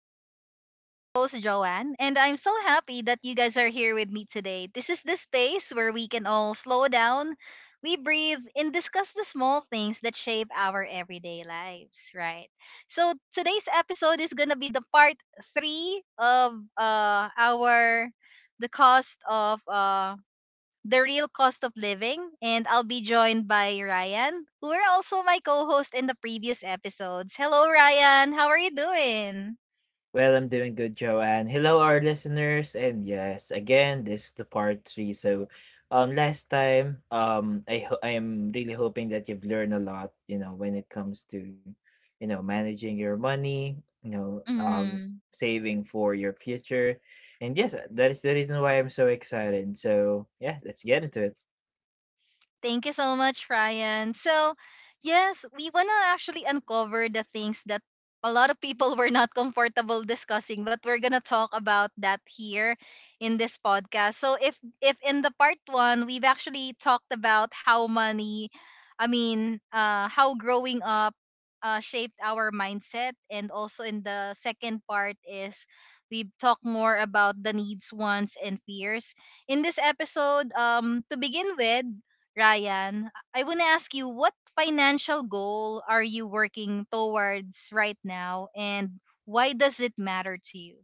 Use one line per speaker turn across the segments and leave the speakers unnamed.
with Joanne. I'm your host, Joanne, and I'm so happy that you guys are here with me today. This is the space where we can all slow down, we breathe, and discuss the small things that shape our everyday lives, right? So, today's episode is going to be the part three of our the cost of the real cost of living, and I'll be joined by Ryan, who are also my co host in the previous episodes. Hello, Ryan. How are you doing?
Well, I'm doing good, Joanne. Hello, our listeners, and yes, again, this is the part three. Last time, I am really hoping that you've learned a lot. You know, when it comes to managing your money,
Mhm.
saving for your future, and yes, that is the reason why I'm so excited. So, yeah, let's get into it.
Thank you so much, Ryan. So, yes, we want to actually uncover the things that a lot of people were not comfortable discussing, but we're going to talk about that here in this podcast. So, if in the part 1, we've actually talked about how money, how growing up shaped our mindset, and also in the second part is we've talked more about the needs, wants and fears in this episode. To begin with, Ryan, I want to ask you what financial goal are you working towards right now, and why does it matter to you?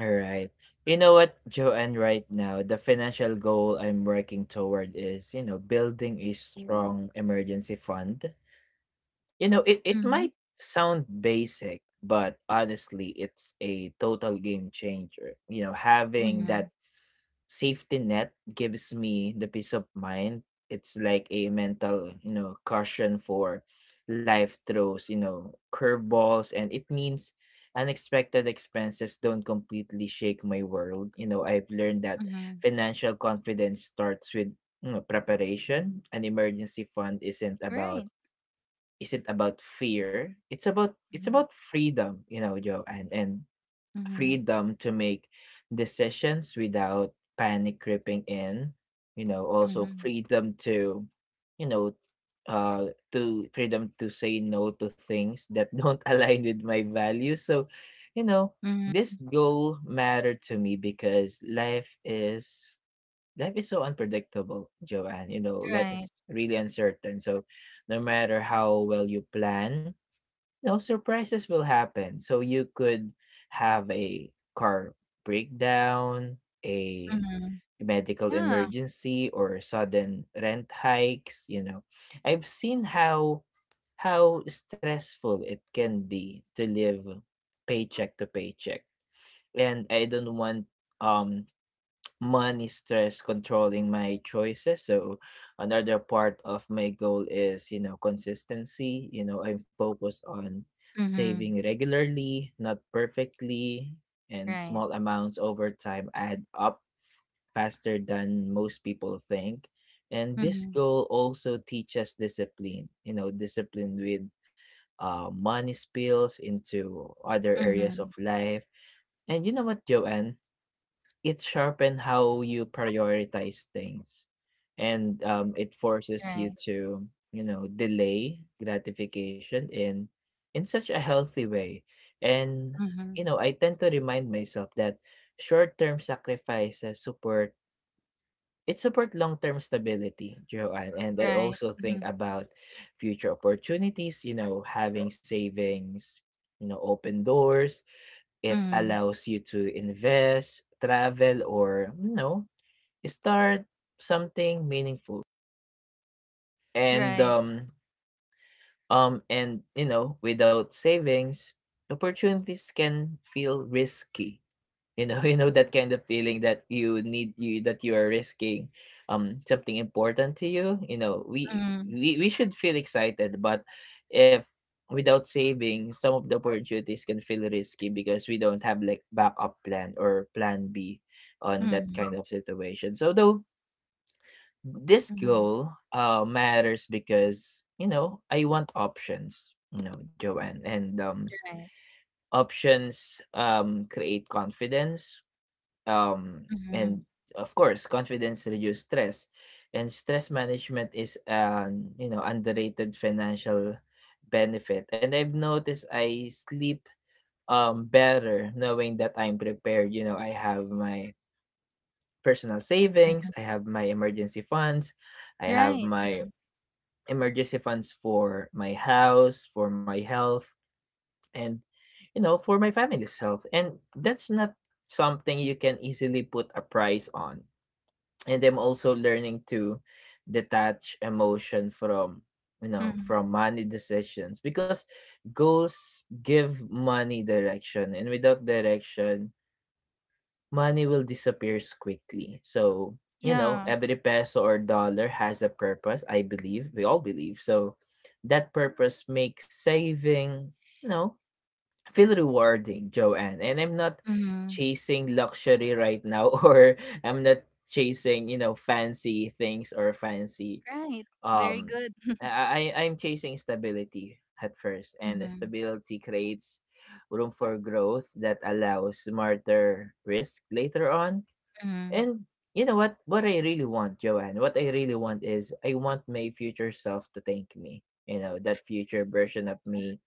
All right. You know what, Joanne, right now, the financial goal I'm working toward is, you know, building a strong emergency fund. It might
Mm-hmm.
sound basic, but honestly, it's a total game changer. You know, having
Mm-hmm.
that safety net gives me the peace of mind. It's like a mental, you know, caution for life throws, you know, curveballs. And it means unexpected expenses don't completely shake my world. You know, I've learned that
Mm-hmm.
financial confidence starts with, you know, preparation. An emergency fund
Right.
isn't about fear. It's
Mm-hmm.
about freedom, you know, Joe, and
Mm-hmm.
freedom to make decisions without panic creeping in. You know, also
Mm-hmm.
freedom to, you know, freedom to say no to things that don't align with my values. So, you know,
Mm-hmm.
this goal mattered to me because life is so unpredictable, Joanne. You know, life
Right.
is really uncertain. So, no matter how well you plan, no surprises will happen. So, you could have a car breakdown, a
Mm-hmm.
medical
Yeah.
emergency, or sudden rent hikes. You know, I've seen how stressful it can be to live paycheck to paycheck, and I don't want um money stress controlling my choices. So another part of my goal is, you know, consistency. You know, I'm focused on
Mm-hmm.
saving regularly, not perfectly, and
Right.
small amounts over time add up faster than most people think. And this
Mm-hmm.
goal also teaches discipline, you know, discipline with money spills into other areas of
Mm-hmm.
life. And you know what, Joanne? It sharpen how you prioritize things and it forces you
Right.
to, you know, delay gratification in such a healthy way, and
Mm-hmm.
you know, I tend to remind myself that short-term sacrifices support long-term stability, Joanne, and I
Right.
also
Mm-hmm.
think about future opportunities, you know, having savings, you know, open doors. It
Mm-hmm.
allows you to invest, travel, or, you know, start something meaningful. And
Right.
um and you know, without savings, opportunities can feel risky, you know, you know that kind of feeling that you need you that you are risking something important to you. You know, we
Mm-hmm.
we, we should feel excited, but if without saving, some of the opportunities can feel risky because we don't have like backup plan or plan B on that
Mm-hmm.
kind of situation. So though this
Mm-hmm.
goal matters because you know I want options, you know, Joanne. And
Right.
Options create confidence,
Mm-hmm.
and of course, confidence reduce stress, and stress management is an, you know, underrated financial benefit. And I've noticed I sleep better knowing that I'm prepared. You know, I have my personal
Mm-hmm.
savings, I have
Right.
my
Mhm.
emergency funds for my house, for my health, and you know, for my family's health. And that's not something you can easily put a price on, and I'm also learning to detach emotion from, you know, from
Mm-hmm.
money decisions because goals give money direction, and without direction money will disappear quickly. So you know,
Yeah.
every peso or dollar has a purpose, I believe we all believe so that purpose makes saving, you know, feel rewarding, Joanne. And I'm not
Mm-hmm.
chasing luxury right now, or I'm not chasing, you know, fancy things or fancy.
Right. Very
Um,
good.
I'm chasing stability at first, and the
Mhm.
stability creates room for growth that allows smarter risk later on,
Mhm.
and you know what? What I really want, Joanne, What I really want is I want my future self to thank me. You know, that future version of me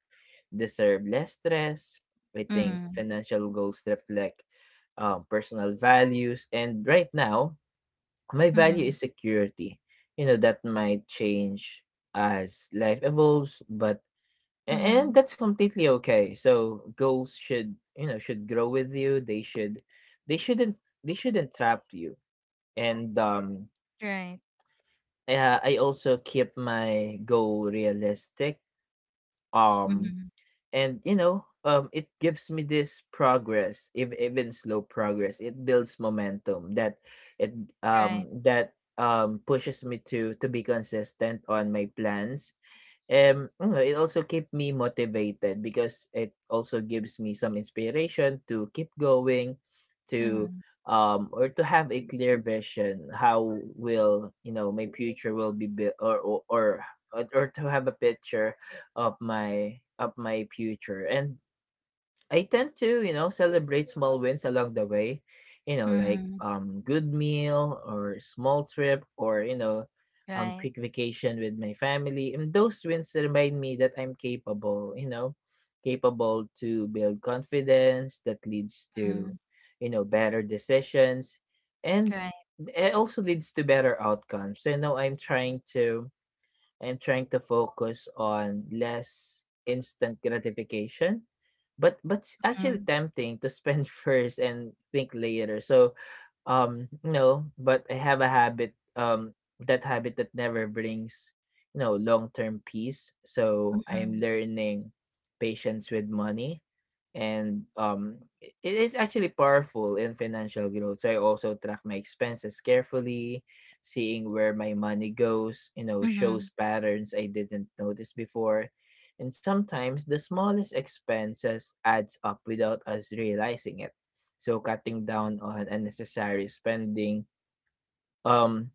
deserve less stress. I think
Mhm.
financial goals reflect personal values. And right now, my value
Mhm.
is security. You know, that might change as life evolves, but and
Mhm.
that's completely okay. So goals should, you know, should grow with you. They shouldn't they shouldn't trap you, and,
Right.
yeah, I also keep my goal realistic, um,
Mhm.
and you know, it gives me this progress. If even slow progress, it builds momentum that it
Right.
that pushes me to be consistent on my plans. You know, it also keep me motivated because it also gives me some inspiration to keep going, to
Mhm.
or to have a clear vision how will, you know, my future will be built, or to have a picture of my future, and I tend to, you know, celebrate small wins along the way, you know, like
Mhm.
good meal or small trip or, you know,
Right.
quick vacation with my family, and those wins remind me that I'm capable, you know, capable to build confidence that leads to,
Mhm.
you know, better decisions, and
Right.
it also leads to better outcomes. I'm trying to focus on less instant gratification, but it's actually
Mhm.
tempting to spend first and think later. So no, but I have a habit, that habit that never brings, you know, long-term peace. So I am
Mhm.
learning patience with money, and it is actually powerful in financial growth. So I also track my expenses carefully, seeing where my money goes, you know,
Mhm.
shows patterns I didn't notice before. And sometimes the smallest expenses adds up without us realizing it, so cutting down on unnecessary spending, um,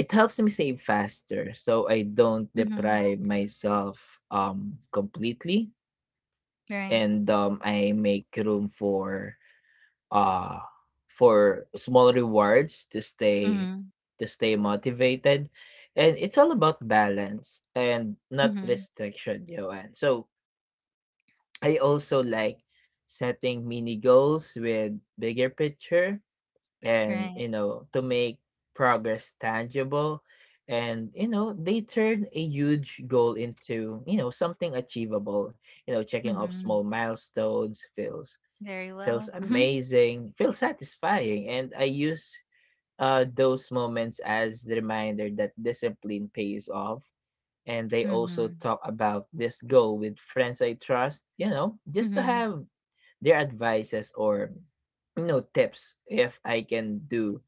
it helps me save faster, so I don't
Mhm.
deprive myself completely,
Right.
and I make room uh for small rewards
Mhm.
to stay motivated, and it's all about balance and not
Mhm.
restriction, Joanne. So I also like setting mini goals with bigger picture, and
Right.
you know, to make progress tangible, and you know, they turn a huge goal into, you know, something achievable. You know, checking off
Mhm.
small milestones
Very
feels
well. Mhm.
amazing, feels satisfying, and I use those moments as the reminder that discipline pays off, and they also
Mhm.
talk about this goal with friends I trust, you know, just to
Mhm.
have their advices or, you know, tips if I can do,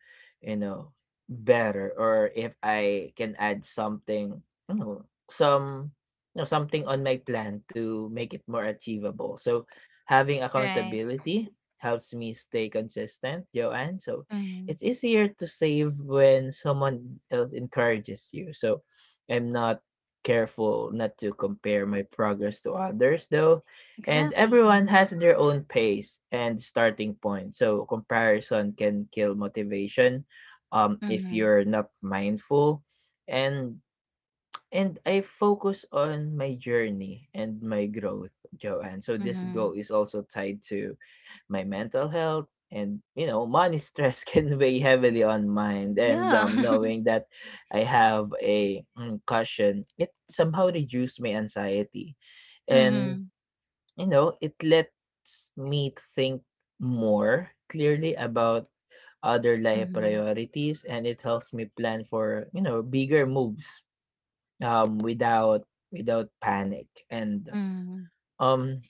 you know, better or if I can add something, you know, some you know, something on my plan to make it more achievable. So having
Right.
accountability helps me stay consistent, Joanne. So
Mhm.
it's easier to save when someone else encourages you. So I'm not careful not to compare my progress to others though, and
Exactly.
everyone
Mhm.
has their own pace and starting point. So comparison can kill motivation, if
Mhm.
you're not mindful. And and I focus on my journey and my growth, Joanne. So this goal
Mhm.
is also tied to my mental health, and you know, money stress can weigh heavily on mind, and
Yeah.
knowing that I have a cushion, it somehow reduced my anxiety, and
Mhm.
you know, it lets me think more clearly about other life
Mhm.
priorities, and it helps me plan for, you know, bigger moves without panic. And
Mhm.
um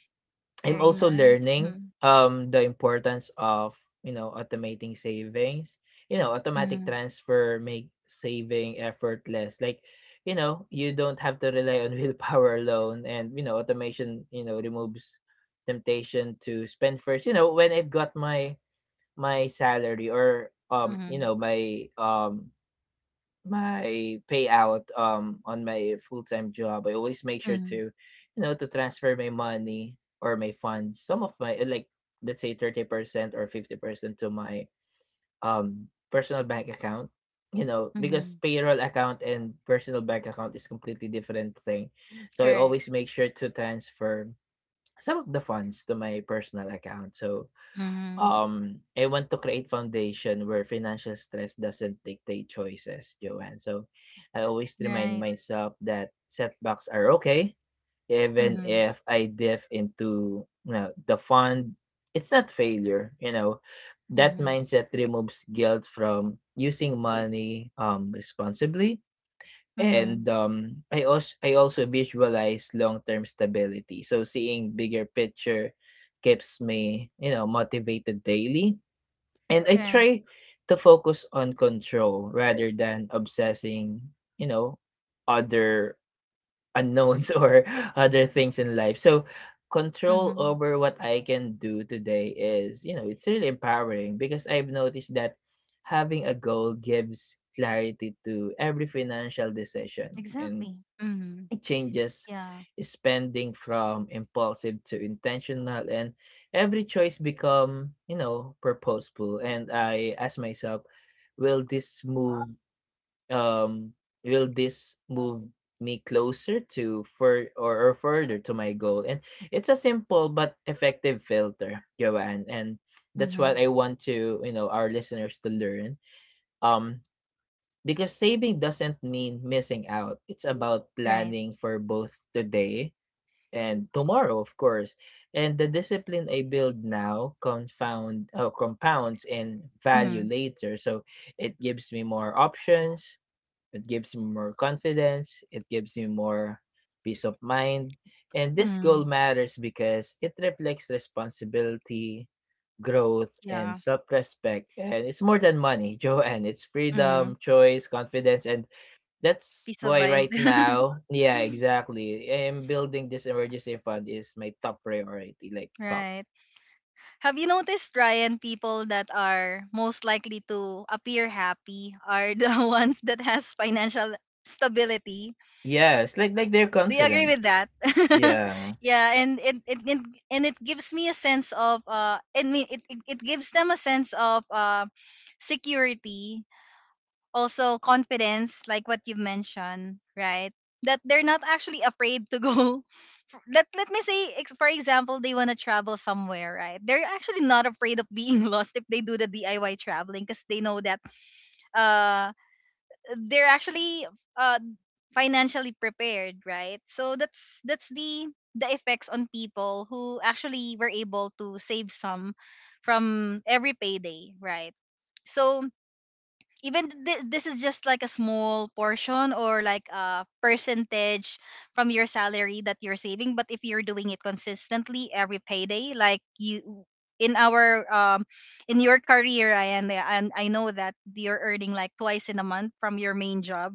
I'm
Very
also
nice.
learning
Mhm.
the importance of, you know, automating savings. You know, automatic
Mhm.
transfer make saving effortless. Like, you know, you don't have to rely on willpower alone, and you know, automation, you know, removes temptation to spend first. You know, when I've got my salary or, you
Mhm.
know, my payout on my full-time job, I always make sure
Mhm.
to, you know, to transfer my money or my funds, some of my like let's say 30% or 50% to my personal bank account, you know, because
Mhm.
payroll account and personal bank account is completely different thing. So I
Correct.
always make sure to transfer some of the funds to my personal account. So
Mhm.
I want to create foundation where financial stress doesn't dictate choices, Joanne. So I always remind
Right.
myself that setbacks are okay, even
Mhm.
if I dive into, you know, the fund. It's not failure, you know. That
Mhm.
mindset removes guilt from using money responsibly. And
Mhm.
I also visualize long term stability. So seeing bigger picture keeps me, you know, motivated daily. And I
Right.
try to focus on control rather than obsessing, you know, other unknowns, or other things in life. So control
Mhm.
over what I can do today is, you know, it's really empowering because I've noticed that having a goal gives clarity to every financial decision, and
Exactly. Mhm.
changes
Yeah.
spending from impulsive to intentional, and every choice become, you know, purposeful, and I ask myself, will this move um will this move me closer to or further to my goal, and it's a simple but effective filter, Joanne, and that's what
Mhm.
I want to, you know, our listeners to learn, um because saving doesn't mean missing out. It's about
Right.
planning for both today and tomorrow, of course. And the discipline I build now confound compounds in value
Mhm.
later. So it gives me more options, it gives me more confidence, it gives me more peace of mind. And this goal
Mhm.
matters because it reflects responsibility, growth, and
Yeah.
self respect. And it's more than money, Joanne. It's freedom,
Mhm.
choice, confidence. And that's
Peace of
why
mind.
right now, yeah, exactly, I am building this emergency fund is my top priority, like top.
Right. Have you noticed, Ryan, people that are most likely to appear happy are the ones that has financial stability?
Yes, like they're
Do you agree
confident.
with that?
Yeah.
Yeah, and it gives me a sense of I mean it, it, it gives them a sense of security, also confidence, like what you've mentioned, right? That they're not actually afraid to go, let me say for example, they want to travel somewhere, right? They're actually not afraid of being lost if they do the DIY traveling, because they know that uh they're actually uh financially prepared, right? So that's the effects on people who actually were able to save some from every payday, right? So even this is just like a small portion or like a percentage from your salary that you're saving, but if you're doing it consistently every payday, like you in our um in your career, Ryan, and I know that you're earning like twice in a month from your main job,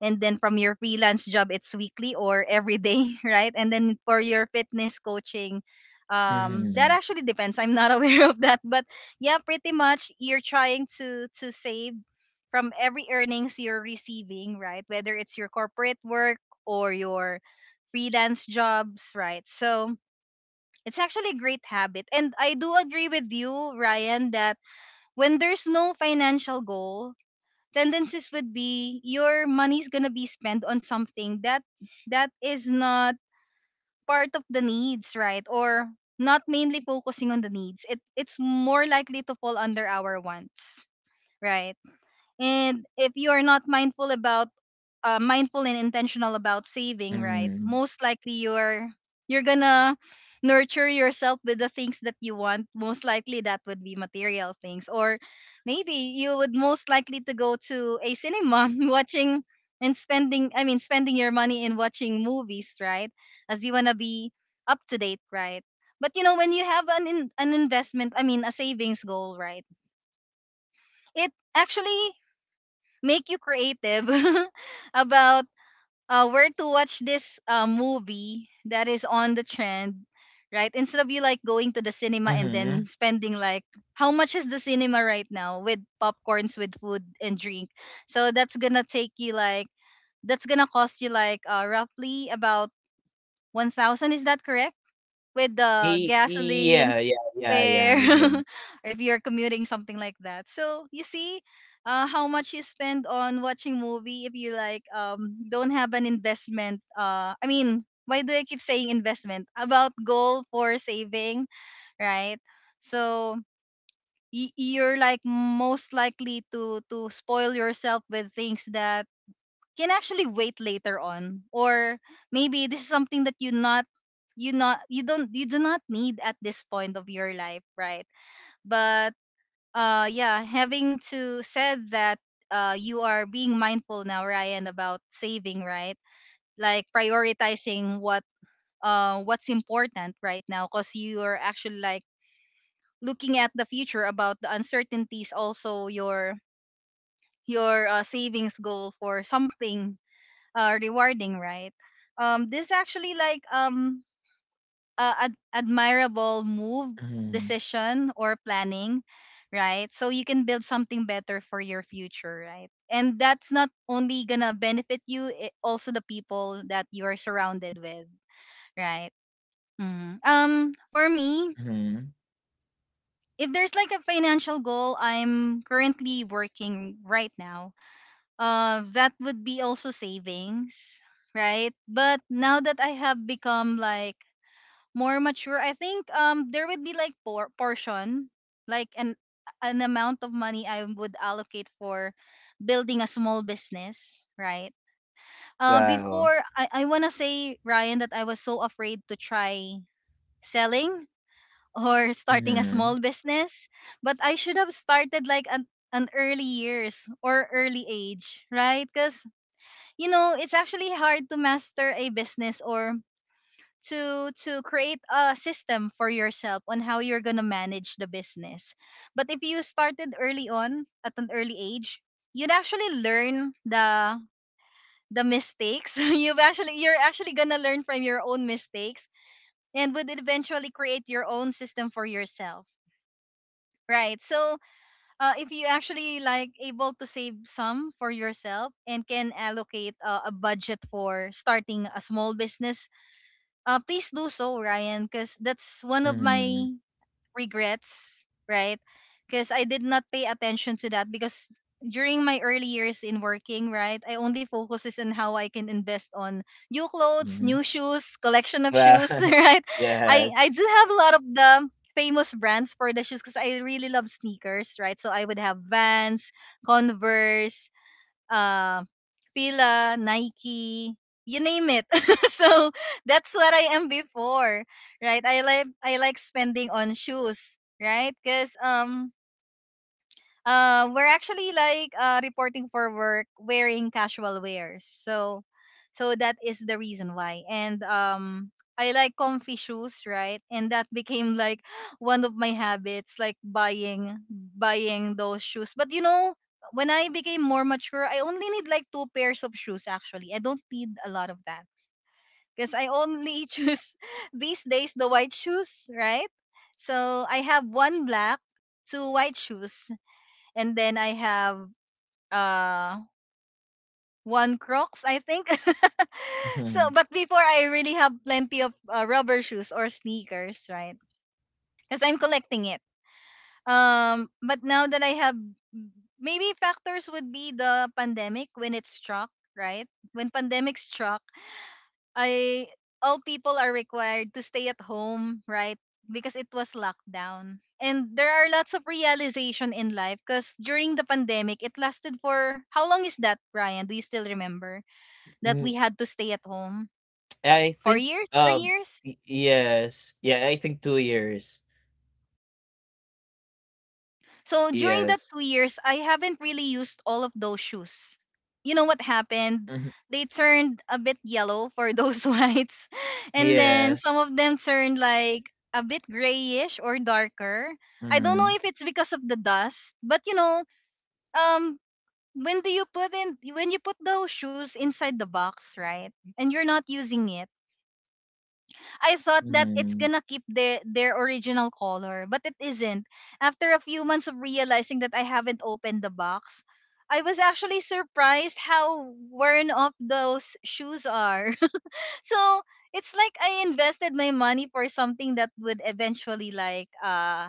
and then from your freelance job it's weekly or every day, right? And then for your fitness coaching, that
Mm-hmm.
actually depends. I'm not aware of that, but yeah, pretty much you're trying to save from every earnings you're receiving, right? Whether it's your corporate work or your freelance jobs, right? So it's actually a great habit, and I do agree with you, Ryan, that when there's no financial goal, tendencies would be your money's gonna be spent on something that is not part of the needs, right? Or not mainly focusing on the needs. It it's more likely to fall under our wants, right? And if you are not mindful about, mindful and intentional about saving, right,
Mm-hmm.
most likely you're gonna nurture yourself with the things that you want. Most likely that would be material things, or maybe you would most likely to go to a cinema watching and spending, I mean spending your money in watching movies, right? As you want to be up to date, right? But you know, when you have an an investment, I mean a savings goal, right, it actually make you creative about where to watch this movie that is on the trend, right? Instead of you like going to the cinema and then
Mm-hmm.
spending like how much is the cinema right now with popcorns, with food and drink. So that's gonna take you like that's gonna cost you like roughly about 1,000. Is that correct? With the gasoline,
Yeah, yeah, yeah, yeah.
fare, or if you're commuting something like that. So you see how much you spend on watching movie if you like don't have an investment, I mean why do I keep saying investment? About goal for saving, right? So y- you're like most likely to spoil yourself with things that can actually wait later on, or maybe this is something that you do not need at this point of your life, right? But yeah, having to said that, you are being mindful now, Ryan, about saving, right? Like prioritizing what, what's important right now, because you are actually like looking at the future about the uncertainties, also your savings goal for something rewarding, right? This actually like admirable move,
Mm-hmm.
decision, or planning, right? So you can build something better for your future, right? And that's not only gonna benefit you, it also the people that you are surrounded with, right? Mhm. For me,
Mm-hmm.
if there's like a financial goal I'm currently working right now, that would be also savings, right? But now that I have become like more mature, I think there would be like portion, like an amount of money I would allocate for building a small business, right?
Wow.
Before, I wanna say, Ryan, that I was so afraid to try selling or starting a
Mm-hmm.
small business. But I should have started like an early years or early age, right? Because you know, it's actually hard to master a business or to create a system for yourself on how you're going to manage the business. But if you started early on at an early age, you'd actually learn the mistakes. You're actually going to learn from your own mistakes, and would eventually create your own system for yourself. Right. So, if you actually like able to save some for yourself and can allocate a budget for starting a small business, please do so, Ryan, because that's one of
Mm-hmm.
my regrets, right? Because I did not pay attention to that, because during my early years in working, right, I only focuses on how I can invest on new clothes,
Mm-hmm.
new shoes, collection of shoes,
Wow.
right? I
Yes.
do have a lot of the famous brands for the shoes because I really love sneakers, right? So I would have Vans, Converse, uh, Fila, Nike, you name it. So that's what I am before, right? I like spending on shoes, right? Because we're actually like reporting for work wearing casual wears. So that is the reason why. And I like comfy shoes, right? And that became like one of my habits, like buying those shoes. But you know, when I became more mature, I only need like two pairs of shoes actually. I don't need a lot of that because I only choose these days the white shoes, right? So I have one black, two white shoes, and then I have uh one Crocs, I think. So,
Mm-hmm.
but before I really have plenty of rubber shoes or sneakers, right? Because I'm collecting it. But now that I have, maybe factors would be the pandemic when it struck, right? When pandemic struck, I all people are required to stay at home, right? Because it was lockdown. And there are lots of realization in life, because during the pandemic, it lasted for how long is that, Brian? Do you still remember? That we had to stay at home.
I
Four
think,
years, three
um
years.
y yes. Yeah, I think two years.
So during that
Yes.
2 years, I haven't really used all of those shoes. You know what happened?
Mhm.
They turned a bit yellow for those whites. And then
Yes.
some of them turned like a bit grayish or darker. I don't know
Mhm.
if it's because of the dust, but you know, um, when do you put in when you put those shoes inside the box, right? And you're not using it, I thought that it's
Mhm.
gonna keep the their original color, but it isn't. After a few months of realizing that I haven't opened the box, I was actually surprised how worn off those shoes are. So it's like I invested my money for something that would eventually like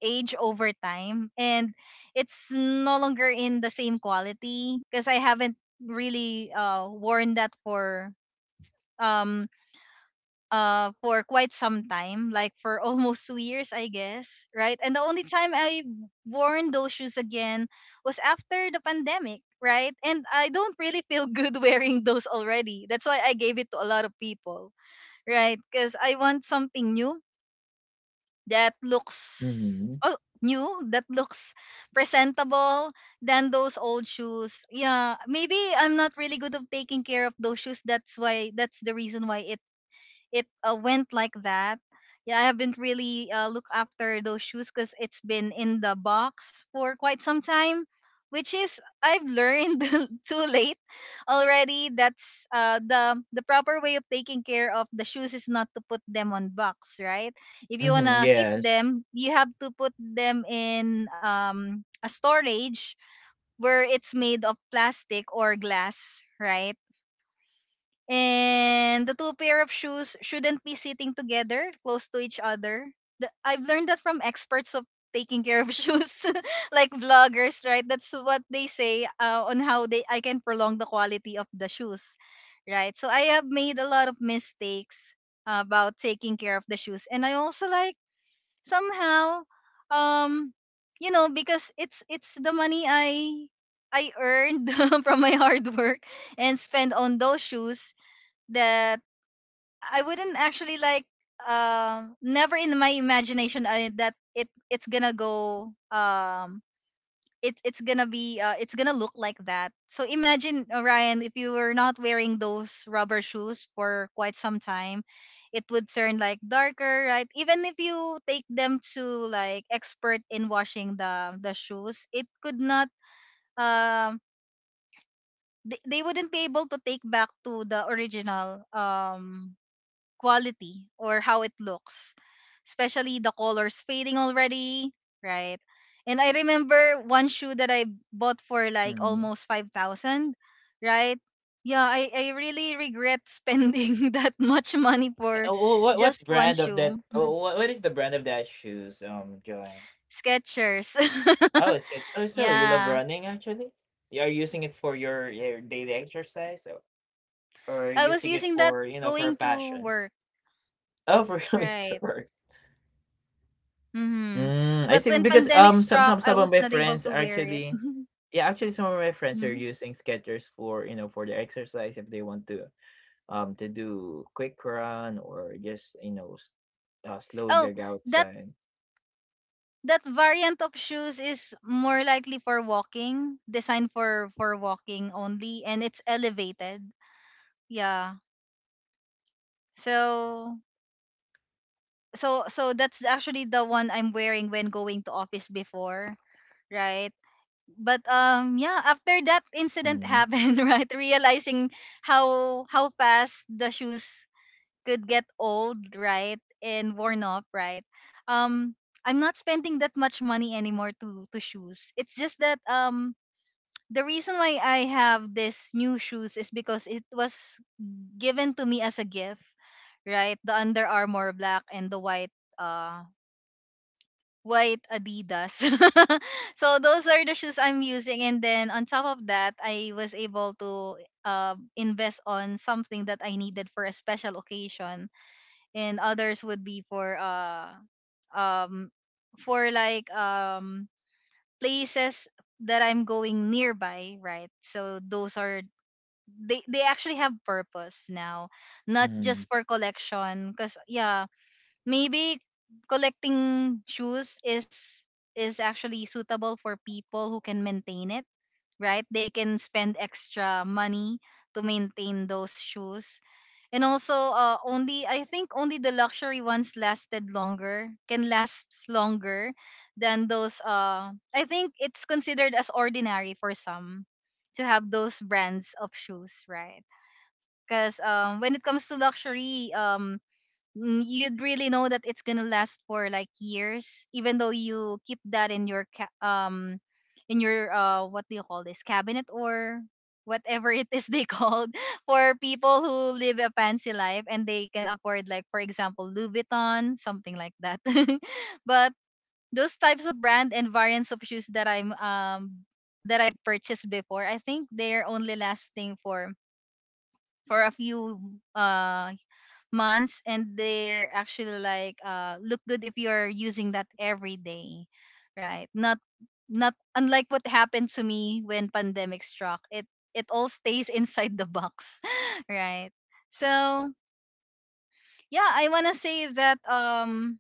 age over time, and it's no longer in the same quality because I haven't really worn that um for quite some time, like for almost 2 years, I guess, right? And the only time I worn those shoes again was after the pandemic, right? And I don't really feel good wearing those already. That's why I gave it to a lot of people, right? Because I want something that looks
Mhm.
oh new that looks presentable than those old shoes. Yeah, maybe I'm not really good of taking care of those shoes. That's the reason why it went like that. Yeah, I haven't really looked after those shoes, because it's been in the box for quite some time, which is, I've learned too late already. That's the proper way of taking care of the shoes is not to put them on box, right? If you
Mhm,
wanna keep
yes.
them, you have to put them in a storage where it's made of plastic or glass, right? And the two pair of shoes shouldn't be sitting together close to each other. I've learned that from experts of taking care of shoes, like vloggers, right? That's what they say, on how they I can prolong the quality of the shoes, right? So I have made a lot of mistakes about taking care of the shoes, and I also like somehow, um, because it's the money I earned from my hard work and spend on those shoes that I wouldn't actually like, never in my imagination, that it it's gonna go it it's gonna be it's gonna look like that. So imagine, Orion, if you were not wearing those rubber shoes for quite some time, it would turn like darker, right? Even if you take them to like expert in washing the shoes. It could not um they wouldn't be able to take back to the original quality or how it looks, especially the colors fading already, right? And I remember one shoe that I bought for like
Mhm.
almost 5,000, right? Yeah, I really regret spending that much money for
Uh, what
just one
brand of
shoe.
that
Mhm.
what is the brand of that shoes, Joanne?
Skechers.
Oh, it's it oh, so you love
Yeah,
running actually? You are using it for your daily exercise or
I was
using it
using that
for, you know, for a
going to
passion?
work,
Oh, for coming to
right?
work.
hmm
Mm, I
But
see.
when
Because
pandemic struck, I
some of
was
my
not able
friends
to
are
wear it.
actually, yeah, actually some of my friends are
Mhm.
using Skechers for, you know, for their exercise if they want to do quick run or just, you know, slow
Oh,
jog
that
outside.
that variant of shoes is more likely for walking, designed for walking only, and it's elevated. Yeah. So so that's actually the one I'm wearing when going to office before, right? But yeah, after that incident
Mm-hmm.
happened, right? Realizing how fast the shoes could get old, right? And worn off, right? Um I'm not spending that much money anymore to shoes. It's just that, the reason why I have this new shoes is because it was given to me as a gift, right? The Under Armour black and the uh white Adidas. So those are the shoes I'm using, and then on top of that, I was able to invest on something that I needed for a special occasion, and others would be um for like places that I'm going nearby, right? So those are, they actually have purpose now, not
Mm-hmm.
just for collection, because yeah, maybe collecting shoes is actually suitable for people who can maintain it, right? They can spend extra money to maintain those shoes. And also, only I think only the luxury ones lasted longer can last longer than those, I think it's considered as ordinary for some to have those brands of shoes, right? Because, when it comes to luxury, you'd really know that it's gonna last for like years, even though you keep that in your what do you call this, cabinet, or whatever it is they called, for people who live a fancy life and they can afford, like, for example, Louis Vuitton, something like that. But those types of brand and variants of shoes that I purchased before, I think they're only lasting for a few uh months, and they're actually like look good if you're using that every day, right? Not, not unlike what happened to me. When pandemic struck, it all stays inside the box, right? So yeah, I want to say that,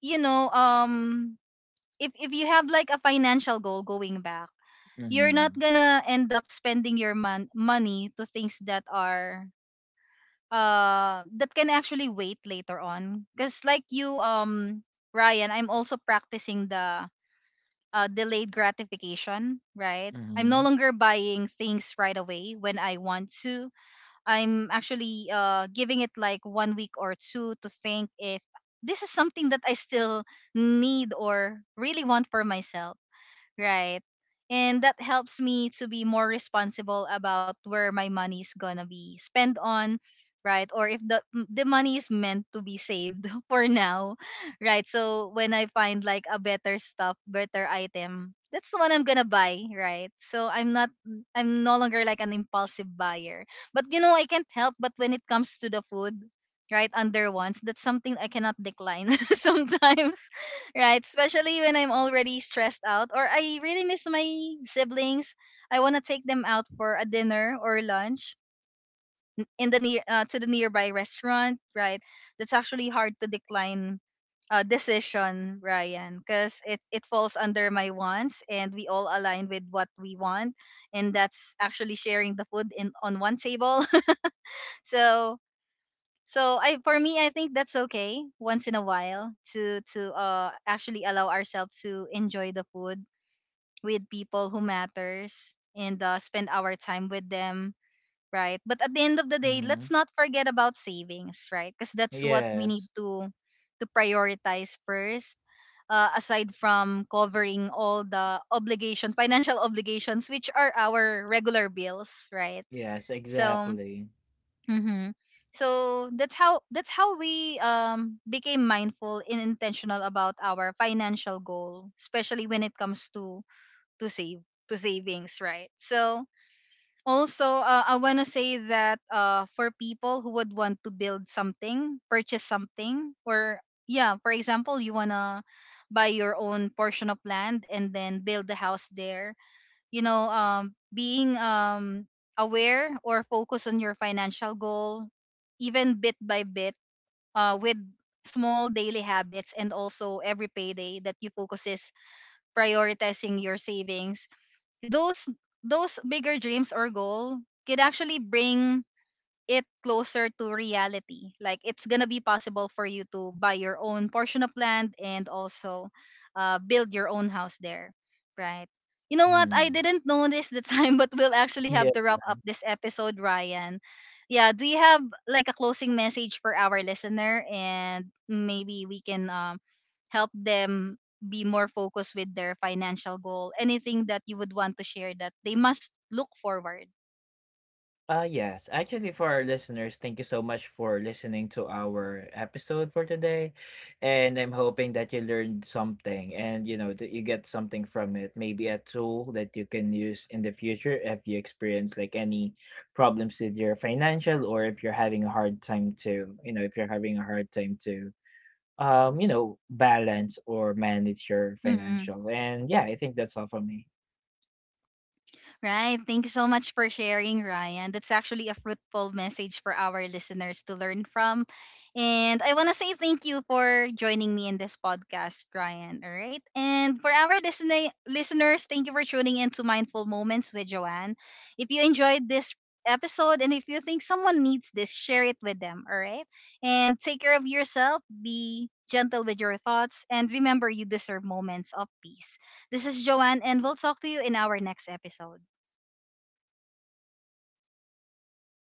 you know um if you have like a financial goal, going back, you're not
Mm-hmm.
gonna end up spending your money to things that can actually wait later on, because like you, Ryan, I'm also practicing the delayed gratification, right? I'm no
Mm-hmm.
longer buying things right away when I want to. I'm actually giving it like one week or two to think if this is something that I still need or really want for myself, right? And that helps me to be more responsible about where my money is gonna be spent on, right? Or if the money is meant to be saved for now, right? So when I find like a better stuff, better item, that's the one I'm gonna buy, right? So I'm no longer like an impulsive buyer. But I can't help, but when it comes to the food, right, under once, that's something I cannot decline sometimes. Right, especially when I'm already stressed out, or I really miss my siblings. I want to take them out for a dinner or lunch in the near, to the nearby restaurant, right? That's actually hard to decline, decision, Ryan, because it falls under my wants, and we all align with what we want. And that's actually sharing the food in on one table. So, so, I, for me, I think that's okay once in a while to actually allow ourselves to enjoy the food with people who matters, and, spend our time with them, right? But at the end of the day,
Mm-hmm.
let's not forget about savings, right? Because that's what we need
Yes.
to prioritize first. Aside from covering all the obligation, financial obligations, which are our regular bills, right?
Yes.
So.
Exactly.
Mm-hmm. So that's how we became mindful and intentional about our financial goal, especially when it comes to save to savings, right? So also, I want to say that, uh, for people who would want to build something, purchase something, or yeah, for example, you wanna buy your own portion of land and then build a house there, being aware or focus on your financial goal, even bit by bit, with small daily habits, and also every payday that you focus is prioritizing your savings, those those bigger dreams or goal could actually bring it closer to reality. Like it's gonna be possible for you to buy your own portion of land and also, build your own house there, right? You know what? I
Mm.
didn't notice the time, but we'll actually have to wrap up this episode, Ryan. Yeah, do you have like a closing message for our listener, and maybe we can, help them be more focused with their financial goal? Anything that you would want to share that they must look forward?
Yes, actually for our listeners, thank you so much for listening to our episode for today. And I'm hoping that you learned something and you know that you get something from it, maybe a tool that you can use in the future if you experience like any problems with your financial or if you're having a hard time to, you know, if you're having a hard time to you know, balance or manage your
Mm-hmm.
financial. And yeah, I think that's all from me.
Right. Thank you so much for sharing, Ryan. That's actually a fruitful message for our listeners to learn from. And I want to say thank you for joining me in this podcast, Ryan. All right. And for our listening listeners, thank you for tuning in to Mindful Moments with Joanne. If you enjoyed this episode, and if you think someone needs this, share it with them. All right. And take care of yourself, be gentle with your thoughts, and remember, you deserve moments of peace. This is Joanne, and we'll talk to you in our next episode.